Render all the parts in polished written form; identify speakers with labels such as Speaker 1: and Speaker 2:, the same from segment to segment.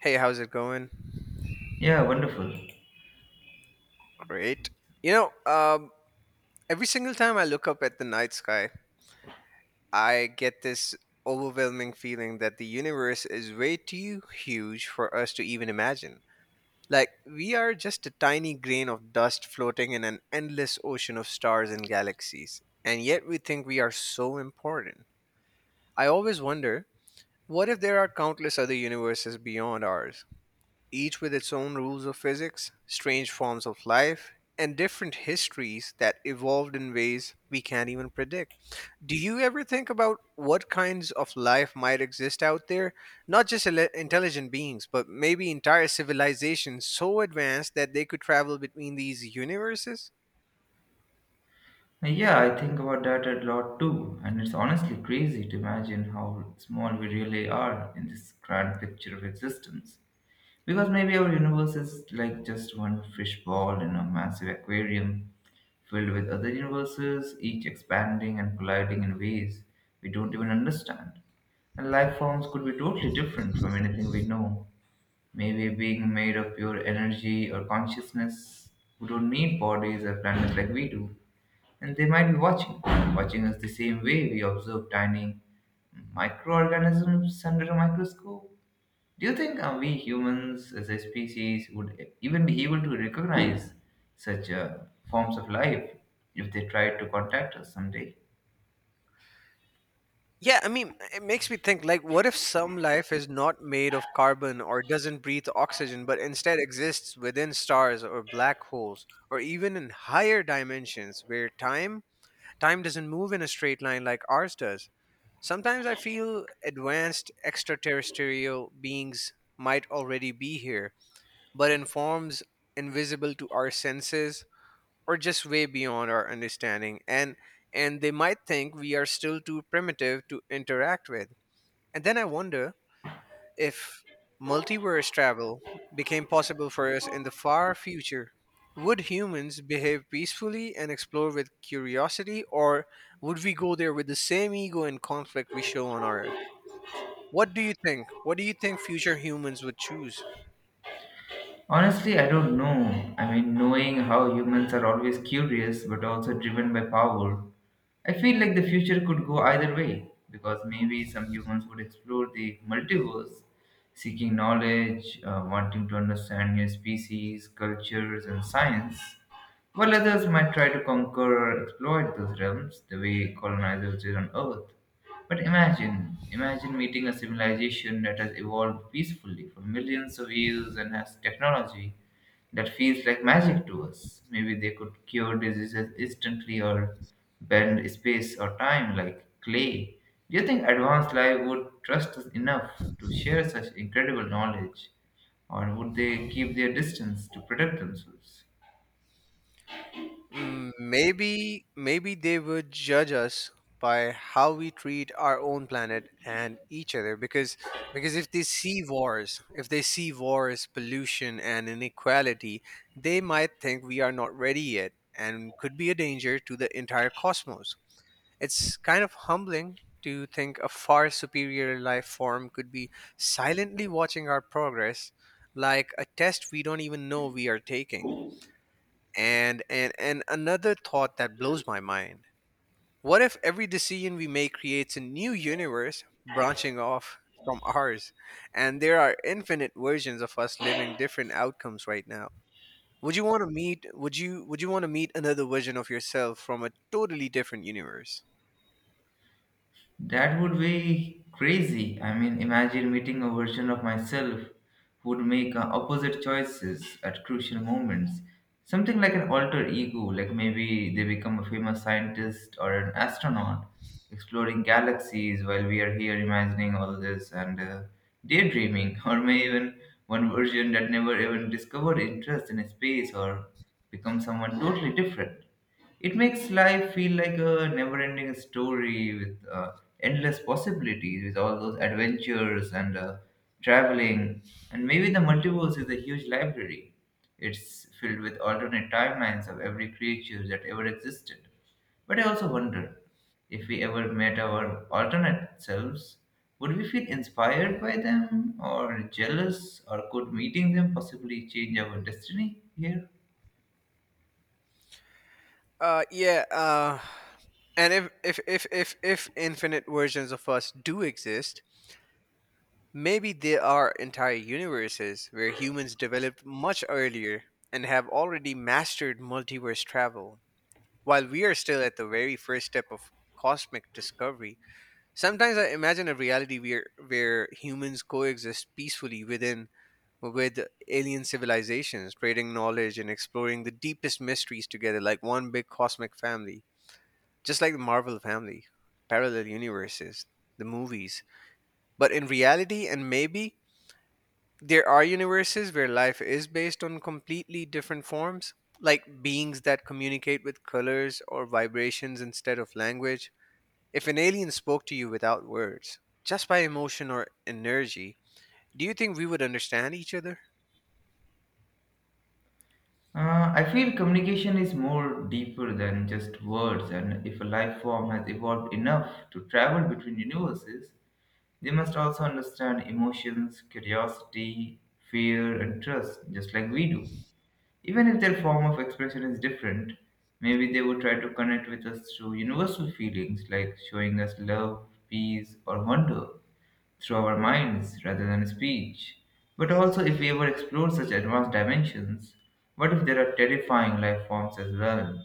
Speaker 1: Hey, how's it going?
Speaker 2: Yeah, wonderful.
Speaker 1: Great. You know, um, every single time I look up at the night sky, I get this overwhelming feeling that the universe is way too huge for us to even imagine. Like, we are just a tiny grain of dust floating in an endless ocean of stars and galaxies, and yet we think we are so important. I always wonder, what if there are countless other universes beyond ours, each with its own rules of physics, strange forms of life, and different histories that evolved in ways we can't even predict? Do you ever think about what kinds of life might exist out there? Not just intelligent beings, but maybe entire civilizations so advanced that they could travel between these universes?
Speaker 2: Yeah, I think about that a lot too, and it's honestly crazy to imagine how small we really are in this grand picture of existence. Because maybe our universe is like just one fishbowl in a massive aquarium filled with other universes, each expanding and colliding in ways we don't even understand. And life forms could be totally different from anything we know. Maybe being made of pure energy or consciousness who don't need bodies or planets like we do. And they might be watching, watching us the same way we observe tiny microorganisms under a microscope. Do you think we humans as a species would even be able to recognize such forms of life if they tried to contact us someday?
Speaker 1: Yeah, I mean, it makes me think, like, what if some life is not made of carbon or doesn't breathe oxygen, but instead exists within stars or black holes, or even in higher dimensions where time doesn't move in a straight line like ours does? Sometimes I feel advanced extraterrestrial beings might already be here, but in forms invisible to our senses or just way beyond our understanding, and they might think we are still too primitive to interact with. And then I wonder, if multiverse travel became possible for us in the far future, would humans behave peacefully and explore with curiosity, or would we go there with the same ego and conflict we show on our Earth? What do you think future humans would choose?
Speaker 2: Honestly, I don't know. I mean, knowing how humans are always curious but also driven by power, I feel like the future could go either way because maybe some humans would explore the multiverse, seeking knowledge, wanting to understand new species, cultures, and science. While others might try to conquer or exploit those realms the way colonizers did on Earth. But imagine meeting a civilization that has evolved peacefully for millions of years and has technology that feels like magic to us. Maybe they could cure diseases instantly or bend space or time like clay. Do you think advanced life would trust us enough to share such incredible knowledge, or would they keep their distance to protect themselves?
Speaker 1: Maybe they would judge us by how we treat our own planet and each other, because if they see wars, pollution and inequality, they might think we are not ready yet and could be a danger to the entire cosmos. It's kind of humbling to think a far superior life form could be silently watching our progress like a test we don't even know we are taking. And another thought that blows my mind. What if every decision we make creates a new universe branching off from ours, and there are infinite versions of us living different outcomes right now? Would you want to meet would you want to meet another version of yourself from a totally different universe?
Speaker 2: That would be crazy. I mean, imagine meeting a version of myself who would make opposite choices at crucial moments. Something like an alter ego, like maybe they become a famous scientist or an astronaut exploring galaxies while we are here imagining all this and daydreaming, or may even one version that never even discovered interest in space or become someone totally different. It makes life feel like a never ending story with endless possibilities, with all those adventures and traveling. And maybe the multiverse is a huge library. It's filled with alternate timelines of every creature that ever existed. But I also wonder if we ever met our alternate selves, would we feel inspired by them or jealous, or could meeting them possibly change our destiny here?
Speaker 1: Yeah, and if infinite versions of us do exist, maybe there are entire universes where humans developed much earlier and have already mastered multiverse travel, while we are still at the very first step of cosmic discovery. Sometimes I imagine a reality where humans coexist peacefully with alien civilizations, trading knowledge and exploring the deepest mysteries together like one big cosmic family, just like the Marvel family, parallel universes, the movies. But in reality, and maybe there are universes where life is based on completely different forms, like beings that communicate with colors or vibrations instead of language. If an alien spoke to you without words, just by emotion or energy, do you think we would understand each other?
Speaker 2: I feel communication is more deeper than just words, and if a life form has evolved enough to travel between universes, they must also understand emotions, curiosity, fear, and trust, just like we do. Even if their form of expression is different, maybe they would try to connect with us through universal feelings like showing us love, peace, or wonder through our minds rather than speech. But also, if we ever explore such advanced dimensions, what if there are terrifying life forms as well?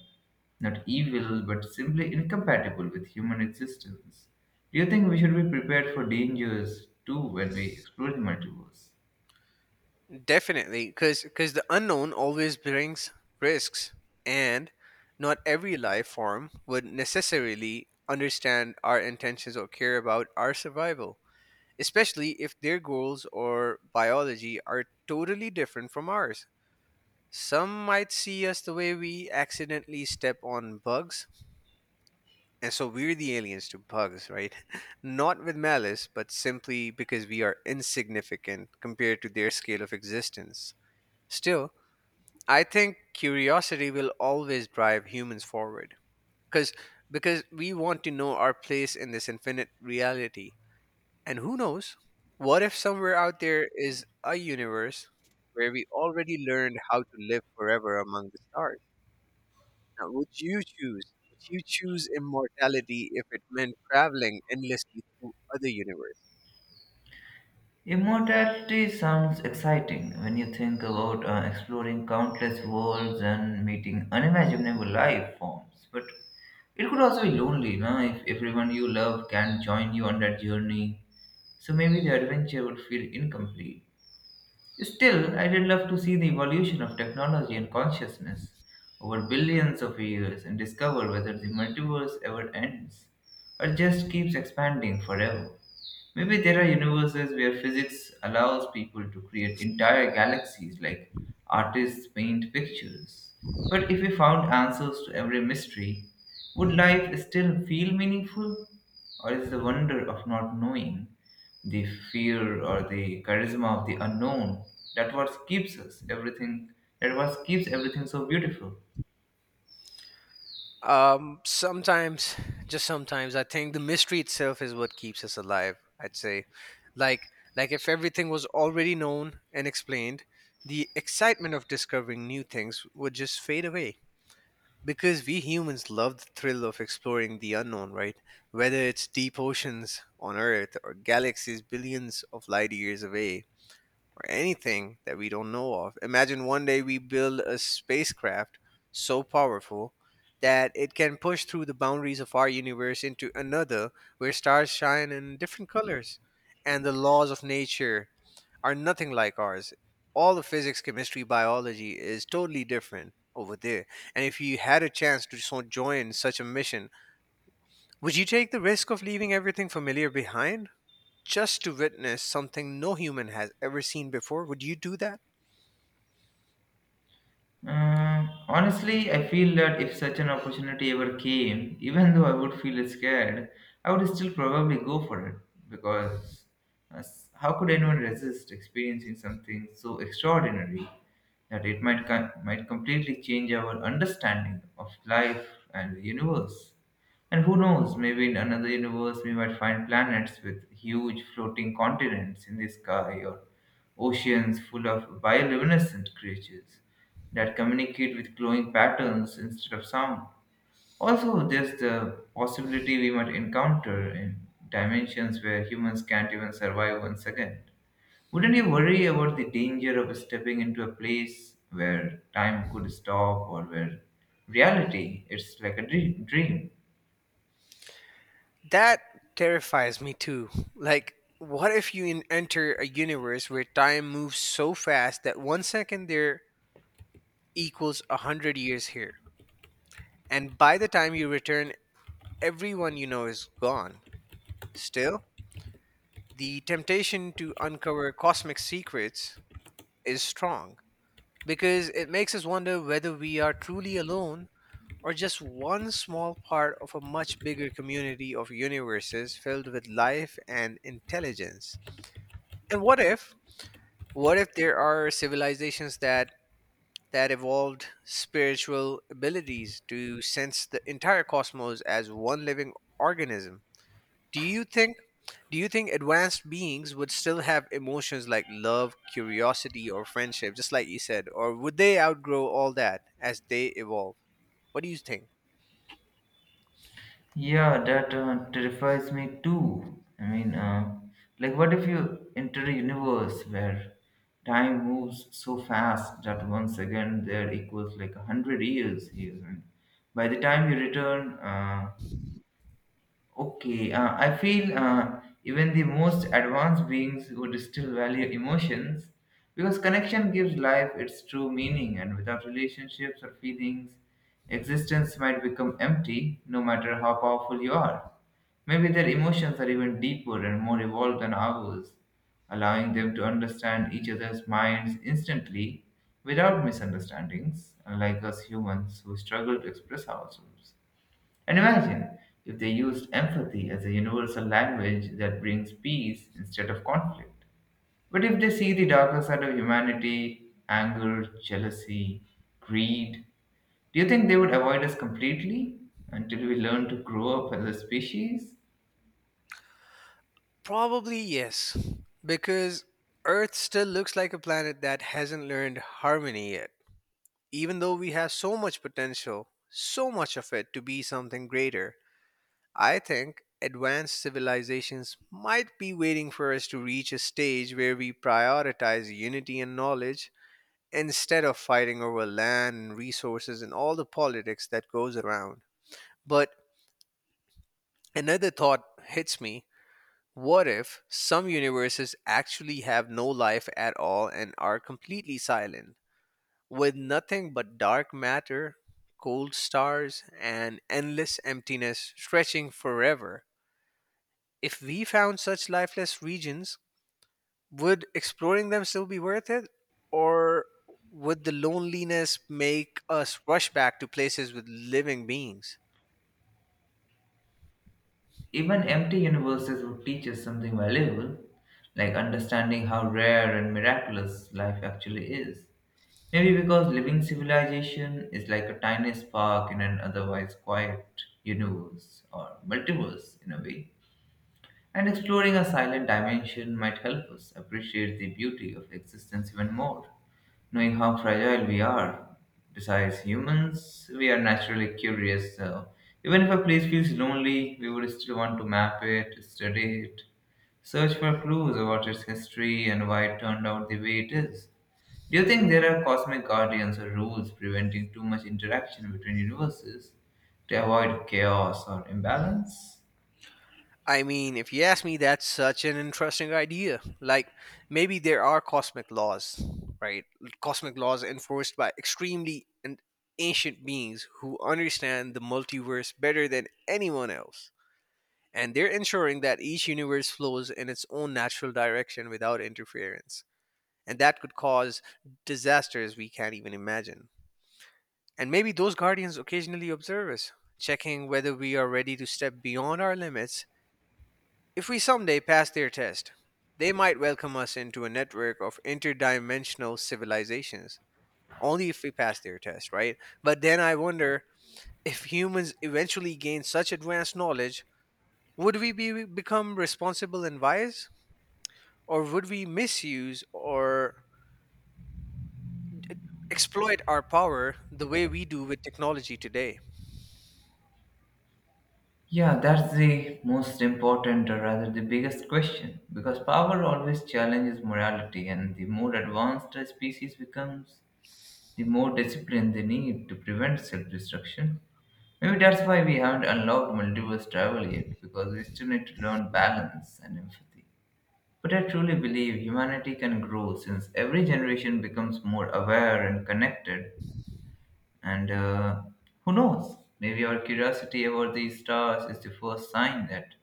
Speaker 2: Not evil, but simply incompatible with human existence. Do you think we should be prepared for dangers too when we explore the multiverse?
Speaker 1: Definitely, because the unknown always brings risks, and not every life form would necessarily understand our intentions or care about our survival, especially if their goals or biology are totally different from ours. Some might see us the way we accidentally step on bugs, and so we're the aliens to bugs, right? Not with malice, but simply because we are insignificant compared to their scale of existence. Still, I think curiosity will always drive humans forward, because because we want to know our place in this infinite reality. And who knows? What if somewhere out there is a universe where we already learned how to live forever among the stars? Now, would you choose immortality if it meant traveling endlessly through other universes?
Speaker 2: Immortality sounds exciting when you think about exploring countless worlds and meeting unimaginable life forms, but it could also be lonely, no? If everyone you love can join you on that journey, so maybe the adventure would feel incomplete. Still, I did love to see the evolution of technology and consciousness over billions of years and discover whether the multiverse ever ends or just keeps expanding forever. Maybe there are universes where physics allows people to create entire galaxies like artists paint pictures. But if we found answers to every mystery, would life still feel meaningful? Or is the wonder of not knowing, the fear or the charisma of the unknown, that what keeps us everything that what keeps everything so beautiful?
Speaker 1: Sometimes, just sometimes, I think the mystery itself is what keeps us alive. I'd say, like, like if everything was already known and explained, the excitement of discovering new things would just fade away. Because we humans love the thrill of exploring the unknown, right? Whether it's deep oceans on Earth or galaxies billions of light years away, or anything that we don't know of. Imagine one day we build a spacecraft so powerful that it can push through the boundaries of our universe into another, where stars shine in different colors and the laws of nature are nothing like ours. All the physics, chemistry, biology is totally different over there. And if you had a chance to so join such a mission, would you take the risk of leaving everything familiar behind, just to witness something no human has ever seen before? Would you do that?
Speaker 2: Honestly, I feel that if such an opportunity ever came, even though I would feel scared, I would still probably go for it because how could anyone resist experiencing something so extraordinary that it might completely change our understanding of life and the universe? And who knows, maybe in another universe we might find planets with huge floating continents in the sky or oceans full of bioluminescent creatures that communicate with glowing patterns instead of sound. Also, there's the possibility we might encounter in dimensions where humans can't even survive one second. Wouldn't you worry about the danger of stepping into a place where time could stop or where reality is like a dream?
Speaker 1: That terrifies me too. Like, what if you enter a universe where time moves so fast that one second there equals 100 years here? And by the time you return, everyone you know is gone. Still, the temptation to uncover cosmic secrets is strong, because it makes us wonder whether we are truly alone or just one small part of a much bigger community of universes filled with life and intelligence. And what if there are civilizations that evolved spiritual abilities to sense the entire cosmos as one living organism? Do you think do you think advanced beings would still have emotions like love, curiosity, or friendship, just like you said, or would they outgrow all that as they evolve? What do you think?
Speaker 2: Yeah, that terrifies me too. I mean, like, what if you enter a universe where time moves so fast that one second there equals like 100 years here? And by the time you return, okay, I feel even the most advanced beings would still value emotions because connection gives life its true meaning, and without relationships or feelings, existence might become empty no matter how powerful you are. Maybe their emotions are even deeper and more evolved than ours, allowing them to understand each other's minds instantly without misunderstandings, unlike us humans who struggle to express ourselves. And imagine if they used empathy as a universal language that brings peace instead of conflict. But if they see the darker side of humanity, anger, jealousy, greed, do you think they would avoid us completely until we learn to grow up as a species?
Speaker 1: Probably yes, because Earth still looks like a planet that hasn't learned harmony yet. Even though we have so much potential, so much of it to be something greater, I think advanced civilizations might be waiting for us to reach a stage where we prioritize unity and knowledge instead of fighting over land and resources and all the politics that goes around. But another thought hits me. What if some universes actually have no life at all and are completely silent, with nothing but dark matter, cold stars, and endless emptiness stretching forever? If we found such lifeless regions, would exploring them still be worth it? Or would the loneliness make us rush back to places with living beings?
Speaker 2: Even empty universes would teach us something valuable, like understanding how rare and miraculous life actually is. Maybe because living civilization is like a tiny spark in an otherwise quiet universe or multiverse in a way. And exploring a silent dimension might help us appreciate the beauty of existence even more knowing how fragile we are. Besides, humans, we are naturally curious, so even if a place feels lonely, we would still want to map it, study it, search for clues about its history and why it turned out the way it is. Do you think there are cosmic guardians or rules preventing too much interaction between universes to avoid chaos or imbalance?
Speaker 1: I mean, if you ask me, that's such an interesting idea. Like, maybe there are cosmic laws, right? Cosmic laws enforced by extremely ancient beings who understand the multiverse better than anyone else. And they're ensuring that each universe flows in its own natural direction without interference. And that could cause disasters we can't even imagine. And maybe those guardians occasionally observe us, checking whether we are ready to step beyond our limits. If we someday pass their test, they might welcome us into a network of interdimensional civilizations. Only if we pass their test, right? But then I wonder, if humans eventually gain such advanced knowledge, would we become responsible and wise? Or would we misuse or exploit our power the way we do with technology today?
Speaker 2: Yeah, that's the most important or rather the biggest question because power always challenges morality and the more advanced a species becomes, the more discipline they need to prevent self-destruction. Maybe that's why we haven't unlocked multiverse travel yet because we still need to learn balance and empathy. But I truly believe humanity can grow since every generation becomes more aware and connected. And who knows, maybe our curiosity about these stars is the first sign that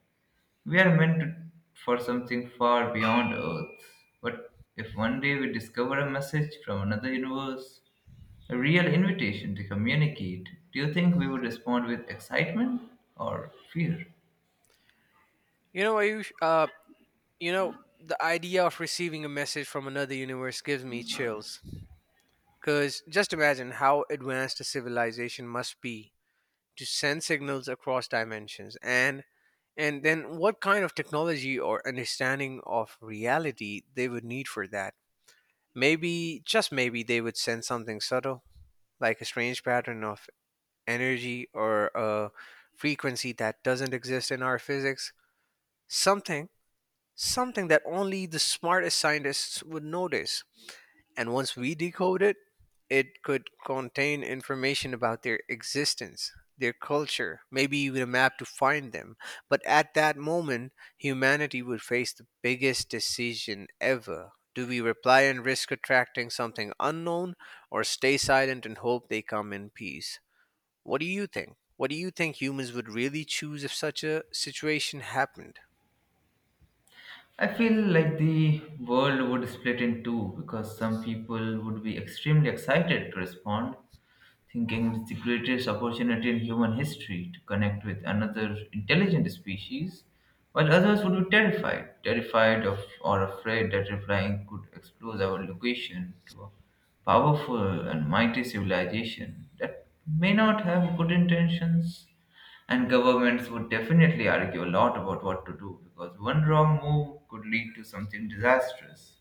Speaker 2: we are meant to- for something far beyond Earth. But if one day we discover a message from another universe, a real invitation to communicate, do you think we would respond with excitement or fear?
Speaker 1: You know, Ayush, you know, the idea of receiving a message from another universe gives me chills. Because just imagine how advanced a civilization must be to send signals across dimensions, and then what kind of technology or understanding of reality they would need for that. Maybe, just maybe, they would send something subtle, like a strange pattern of energy or a frequency that doesn't exist in our physics. Something something that only the smartest scientists would notice. And once we decode it, it could contain information about their existence, their culture, maybe even a map to find them. But at that moment, humanity would face the biggest decision ever. Do we reply and risk attracting something unknown, or stay silent and hope they come in peace? What do you think? What do you think humans would really choose if such a situation happened?
Speaker 2: I feel like the world would split in two because some people would be extremely excited to respond, thinking it's the greatest opportunity in human history to connect with another intelligent species, while others would be terrified of or afraid that replying could expose our location to powerful and mighty civilization that may not have good intentions, and governments would definitely argue a lot about what to do because one wrong move could lead to something disastrous.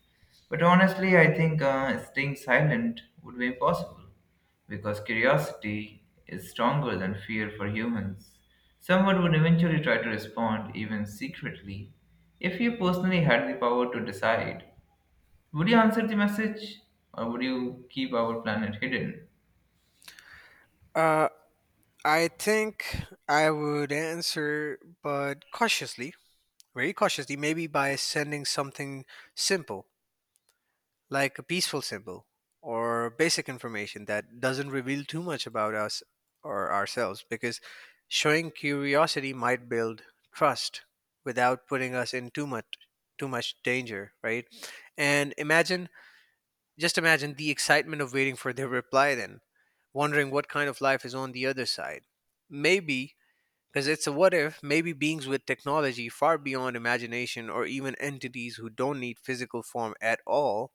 Speaker 2: But honestly, I think staying silent would be impossible because curiosity is stronger than fear for humans. Someone would eventually try to respond, even secretly, if you personally had the power to decide. Would you answer the message or would you keep our planet hidden?
Speaker 1: Uh, I think I would answer, but cautiously. Very cautiously, maybe by sending something simple, like a peaceful symbol or basic information that doesn't reveal too much about us or ourselves, because showing curiosity might build trust without putting us in too much danger, right? And imagine, just imagine the excitement of waiting for their reply then, wondering what kind of life is on the other side. Maybe, because it's a what if, maybe beings with technology far beyond imagination or even entities who don't need physical form at all.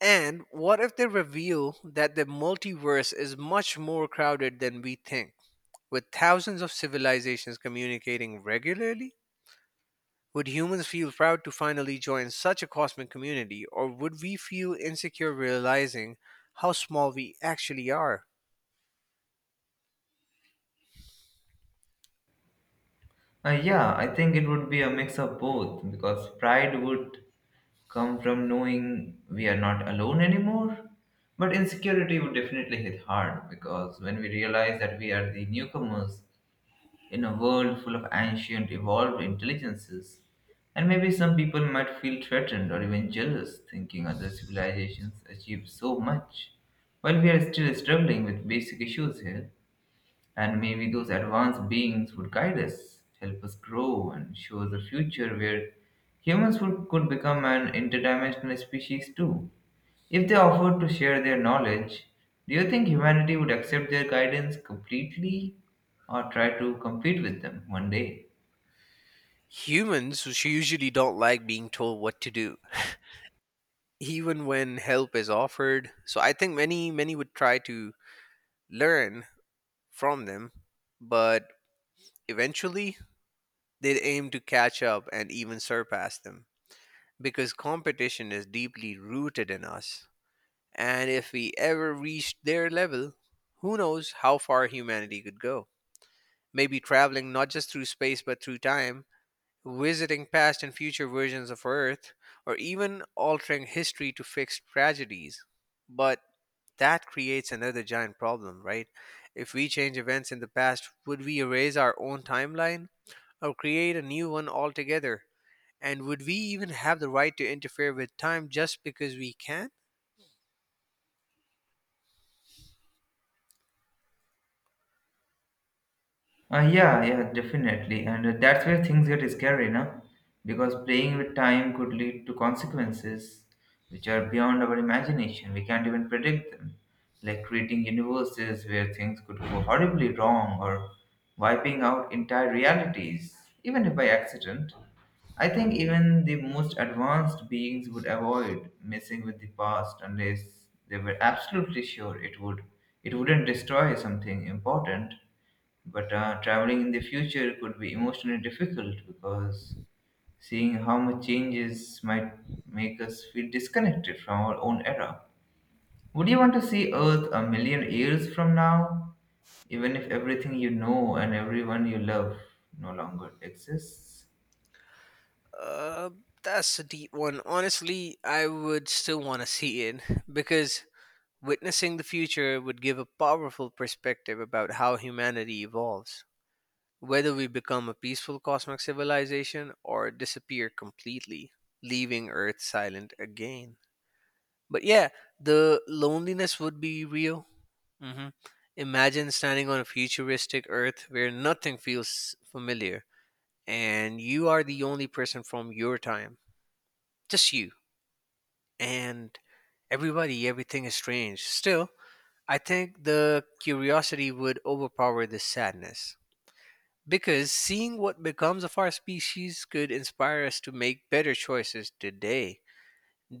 Speaker 1: And what if they reveal that the multiverse is much more crowded than we think, with thousands of civilizations communicating regularly? Would humans feel proud to finally join such a cosmic community, or would we feel insecure realizing how small we actually are?
Speaker 2: Yeah, I think it would be a mix of both because pride would come from knowing we are not alone anymore. But insecurity would definitely hit hard because when we realize that we are the newcomers in a world full of ancient evolved intelligences, and maybe some people might feel threatened or even jealous thinking other civilizations achieve so much while we are still struggling with basic issues here. And maybe those advanced beings would guide us, help us grow, and show us a future where humans would, could become an interdimensional species too. If they offered to share their knowledge, do you think humanity would accept their guidance completely or try to compete with them one day?
Speaker 1: Humans usually don't like being told what to do even when help is offered. So I think many would try to learn from them, but eventually they'd aim to catch up and even surpass them because competition is deeply rooted in us. And if we ever reached their level, who knows how far humanity could go? Maybe traveling not just through space but through time, visiting past and future versions of Earth, or even altering history to fix tragedies. But that creates another giant problem, right? If we change events in the past, would we erase our own timeline or create a new one altogether? And would we even have the right to interfere with time just because we can?
Speaker 2: Yeah, yeah, definitely. And that's where things get scary, no? Because playing with time could lead to consequences which are beyond our imagination. We can't even predict them, like creating universes where things could go horribly wrong or wiping out entire realities, even if by accident. I think even the most advanced beings would avoid messing with the past unless they were absolutely sure it wouldn't destroy something important. But traveling in the future could be emotionally difficult because seeing how much changes might make us feel disconnected from our own era. Would you want to see Earth a million years from now, even if everything you know and everyone you love no longer exists?
Speaker 1: Uh, that's a deep one. Honestly, I would still want to see it because witnessing the future would give a powerful perspective about how humanity evolves. Whether we become a peaceful cosmic civilization or disappear completely, leaving Earth silent again. But yeah, the loneliness would be real. hmm Imagine standing on a futuristic Earth where nothing feels familiar and you are the only person from your time. Just you. And everybody, everything is strange. Still, I think the curiosity would overpower the sadness. Because seeing what becomes of our species could inspire us to make better choices today.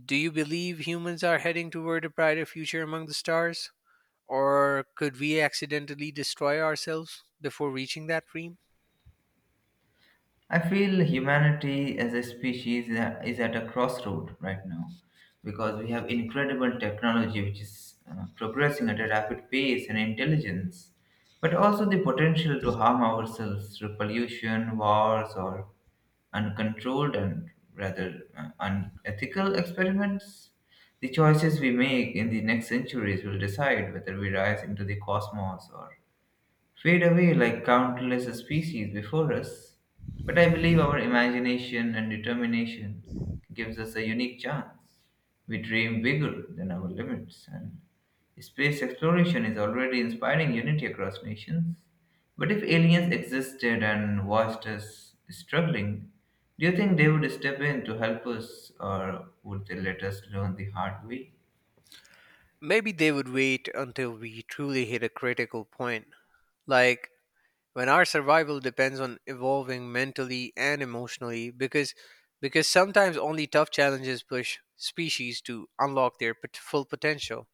Speaker 1: Do you believe humans are heading toward a brighter future among the stars? Or could we accidentally destroy ourselves before reaching that dream?
Speaker 2: I feel humanity as a species is at a crossroad right now because we have incredible technology which is progressing at a rapid pace and intelligence, but also the potential to harm ourselves through pollution, wars, or uncontrolled and rather unethical experiments. The choices we make in the next centuries will decide whether we rise into the cosmos or fade away like countless species before us. But I believe our imagination and determination gives us a unique chance. We dream bigger than our limits, and space exploration is already inspiring unity across nations. But if aliens existed and watched us struggling, do you think they would step in to help us, or would they let us learn the hard way?
Speaker 1: Maybe they would wait until we truly hit a critical point. Like when our survival depends on evolving mentally and emotionally because sometimes only tough challenges push species to unlock their full potential.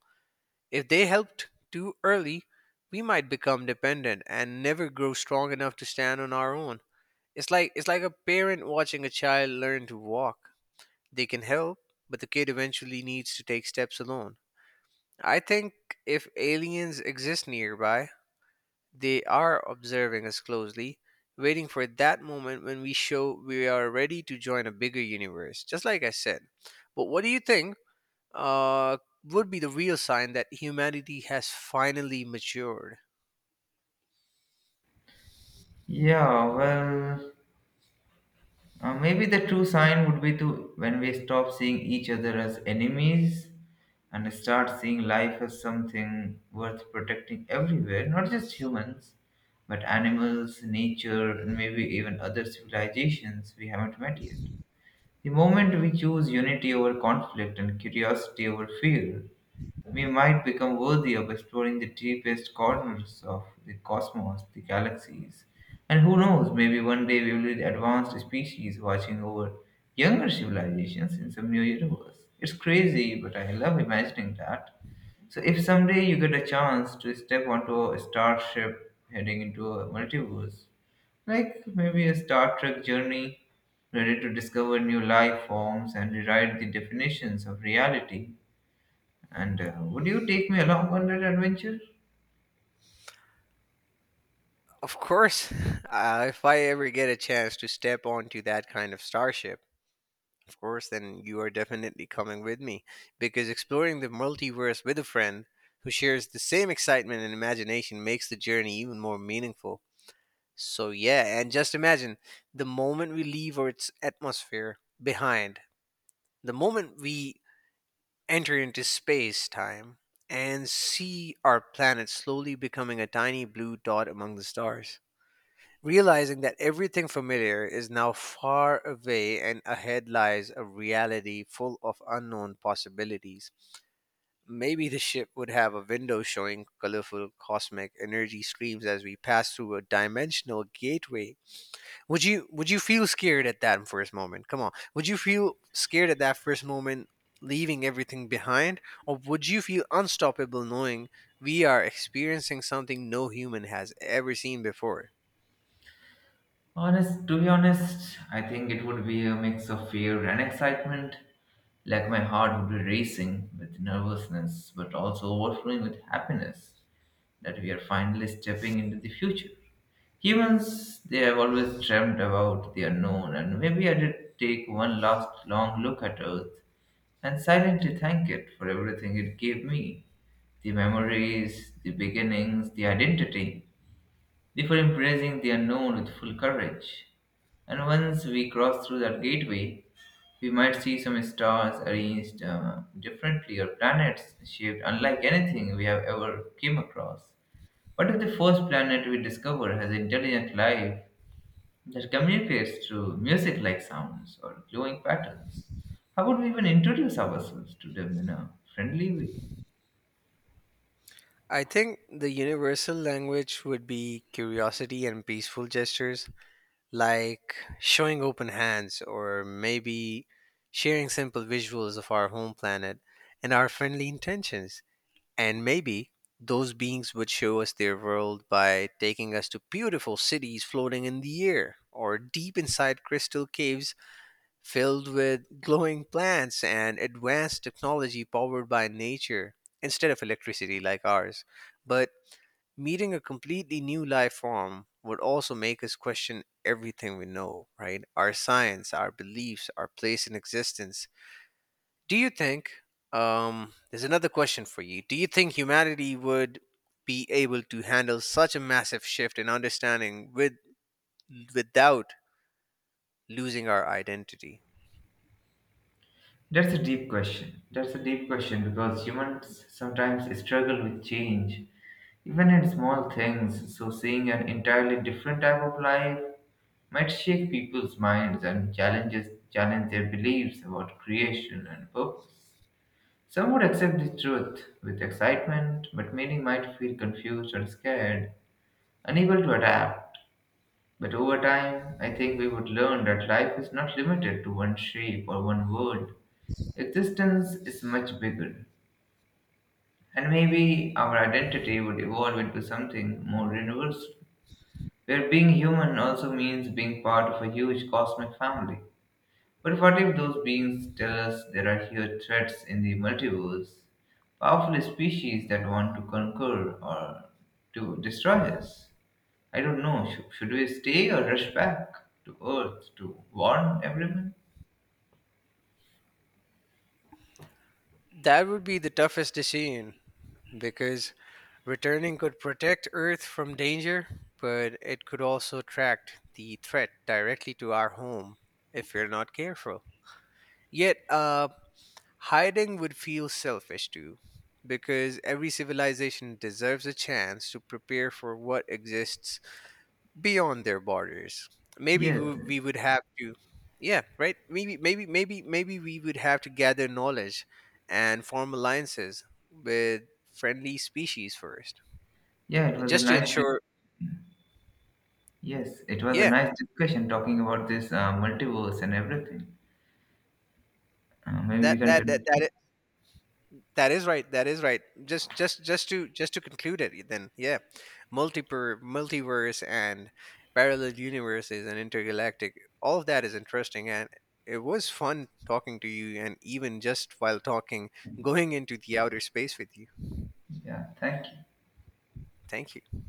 Speaker 1: If they helped too early, we might become dependent and never grow strong enough to stand on our own. It's like a parent watching a child learn to walk. They can help, but the kid eventually needs to take steps alone. I think if aliens exist nearby, they are observing us closely, waiting for that moment when we show we are ready to join a bigger universe, just like I said. But what do you think? uh, would be the real sign that humanity has finally matured.
Speaker 2: Yeah, well. Maybe the true sign would be to when we stop seeing each other as enemies and start seeing life as something worth protecting everywhere, not just humans, but animals, nature, and maybe even other civilizations we haven't met yet. The moment we choose unity over conflict and curiosity over fear, we might become worthy of exploring the deepest corners of the cosmos, the galaxies, and who knows, maybe one day we will be the advanced species watching over younger civilizations in some new universe. It's crazy, but I love imagining that. So, if someday you get a chance to step onto a starship heading into a multiverse, like maybe a Star Trek journey, ready to discover new life forms and rewrite the definitions of reality. And would you take me along on that adventure?
Speaker 1: Of course, if I ever get a chance to step onto that kind of starship, of course, then you are definitely coming with me because exploring the multiverse with a friend who shares the same excitement and imagination makes the journey even more meaningful. So, yeah, and just imagine the moment we leave Earth's atmosphere behind, the moment we enter into space time, and see our planet slowly becoming a tiny blue dot among the stars. Realizing that everything familiar is now far away and ahead lies a reality full of unknown possibilities. Maybe the ship would have a window showing colorful cosmic energy streams as we pass through a dimensional gateway, would you feel scared at that first moment? Come on. Would you feel scared at that first moment leaving everything behind, or would you feel unstoppable knowing we are experiencing something no human has ever seen before?
Speaker 2: Honest, to be honest, I think it would be a mix of fear and excitement. Like my heart would be racing with nervousness, but also overflowing with happiness that we are finally stepping into the future. Humans, they have always dreamt about the unknown, and maybe I did take one last long look at Earth and silently thank it for everything it gave me, the memories, the beginnings, the identity, before embracing the unknown with full courage. And once we cross through that gateway, we might see some stars arranged differently or planets shaped unlike anything we have ever came across. What if the first planet we discover has intelligent life that communicates through music like sounds or glowing patterns? How would we even introduce ourselves to them in a friendly way?
Speaker 1: I think the universal language would be curiosity and peaceful gestures, like showing open hands or maybe sharing simple visuals of our home planet and our friendly intentions. And maybe those beings would show us their world by taking us to beautiful cities floating in the air, or deep inside crystal caves filled with glowing plants and advanced technology powered by nature instead of electricity like ours. But meeting a completely new life form would also make us question everything we know, right? Our science, our beliefs, our place in existence. Do you think, there's another question for you. Do you think humanity would be able to handle such a massive shift in understanding without losing our identity?
Speaker 2: That's a deep question. That's a deep question because humans sometimes struggle with change, even in small things. So, seeing an entirely different type of life might shake people's minds and challenge their beliefs about creation and purpose. Some would accept the truth with excitement, but many might feel confused or scared, unable to adapt. But over time, I think we would learn that life is not limited to one shape or one world. Existence is much bigger. And maybe our identity would evolve into something more universal, where being human also means being part of a huge cosmic family. But what if those beings tell us there are here threats in the multiverse, powerful species that want to conquer or to destroy us? I don't know. Should we stay or rush back to Earth to warn everyone?
Speaker 1: That would be the toughest decision because returning could protect Earth from danger, but it could also attract the threat directly to our home if we're not careful. Yet, hiding would feel selfish too, because every civilization deserves a chance to prepare for what exists beyond their borders. Maybe we,
Speaker 2: Yes.
Speaker 1: we would have to, yeah, right? Maybe we would have to gather knowledge and form alliances with friendly species first,
Speaker 2: Yeah, it was a
Speaker 1: just to
Speaker 2: nice.
Speaker 1: ensure,
Speaker 2: Yes, it was a
Speaker 1: yeah,
Speaker 2: nice discussion talking about this multiverse and everything. Maybe we
Speaker 1: that
Speaker 2: can
Speaker 1: that that
Speaker 2: continue.
Speaker 1: that That is right. That is right. Just to conclude it then. Yeah. Multiper Multiverse and parallel universes and intergalactic. All of that is interesting, and it was fun talking to you and even just while talking going into the outer space with you.
Speaker 2: Yeah. Thank you.
Speaker 1: Thank you.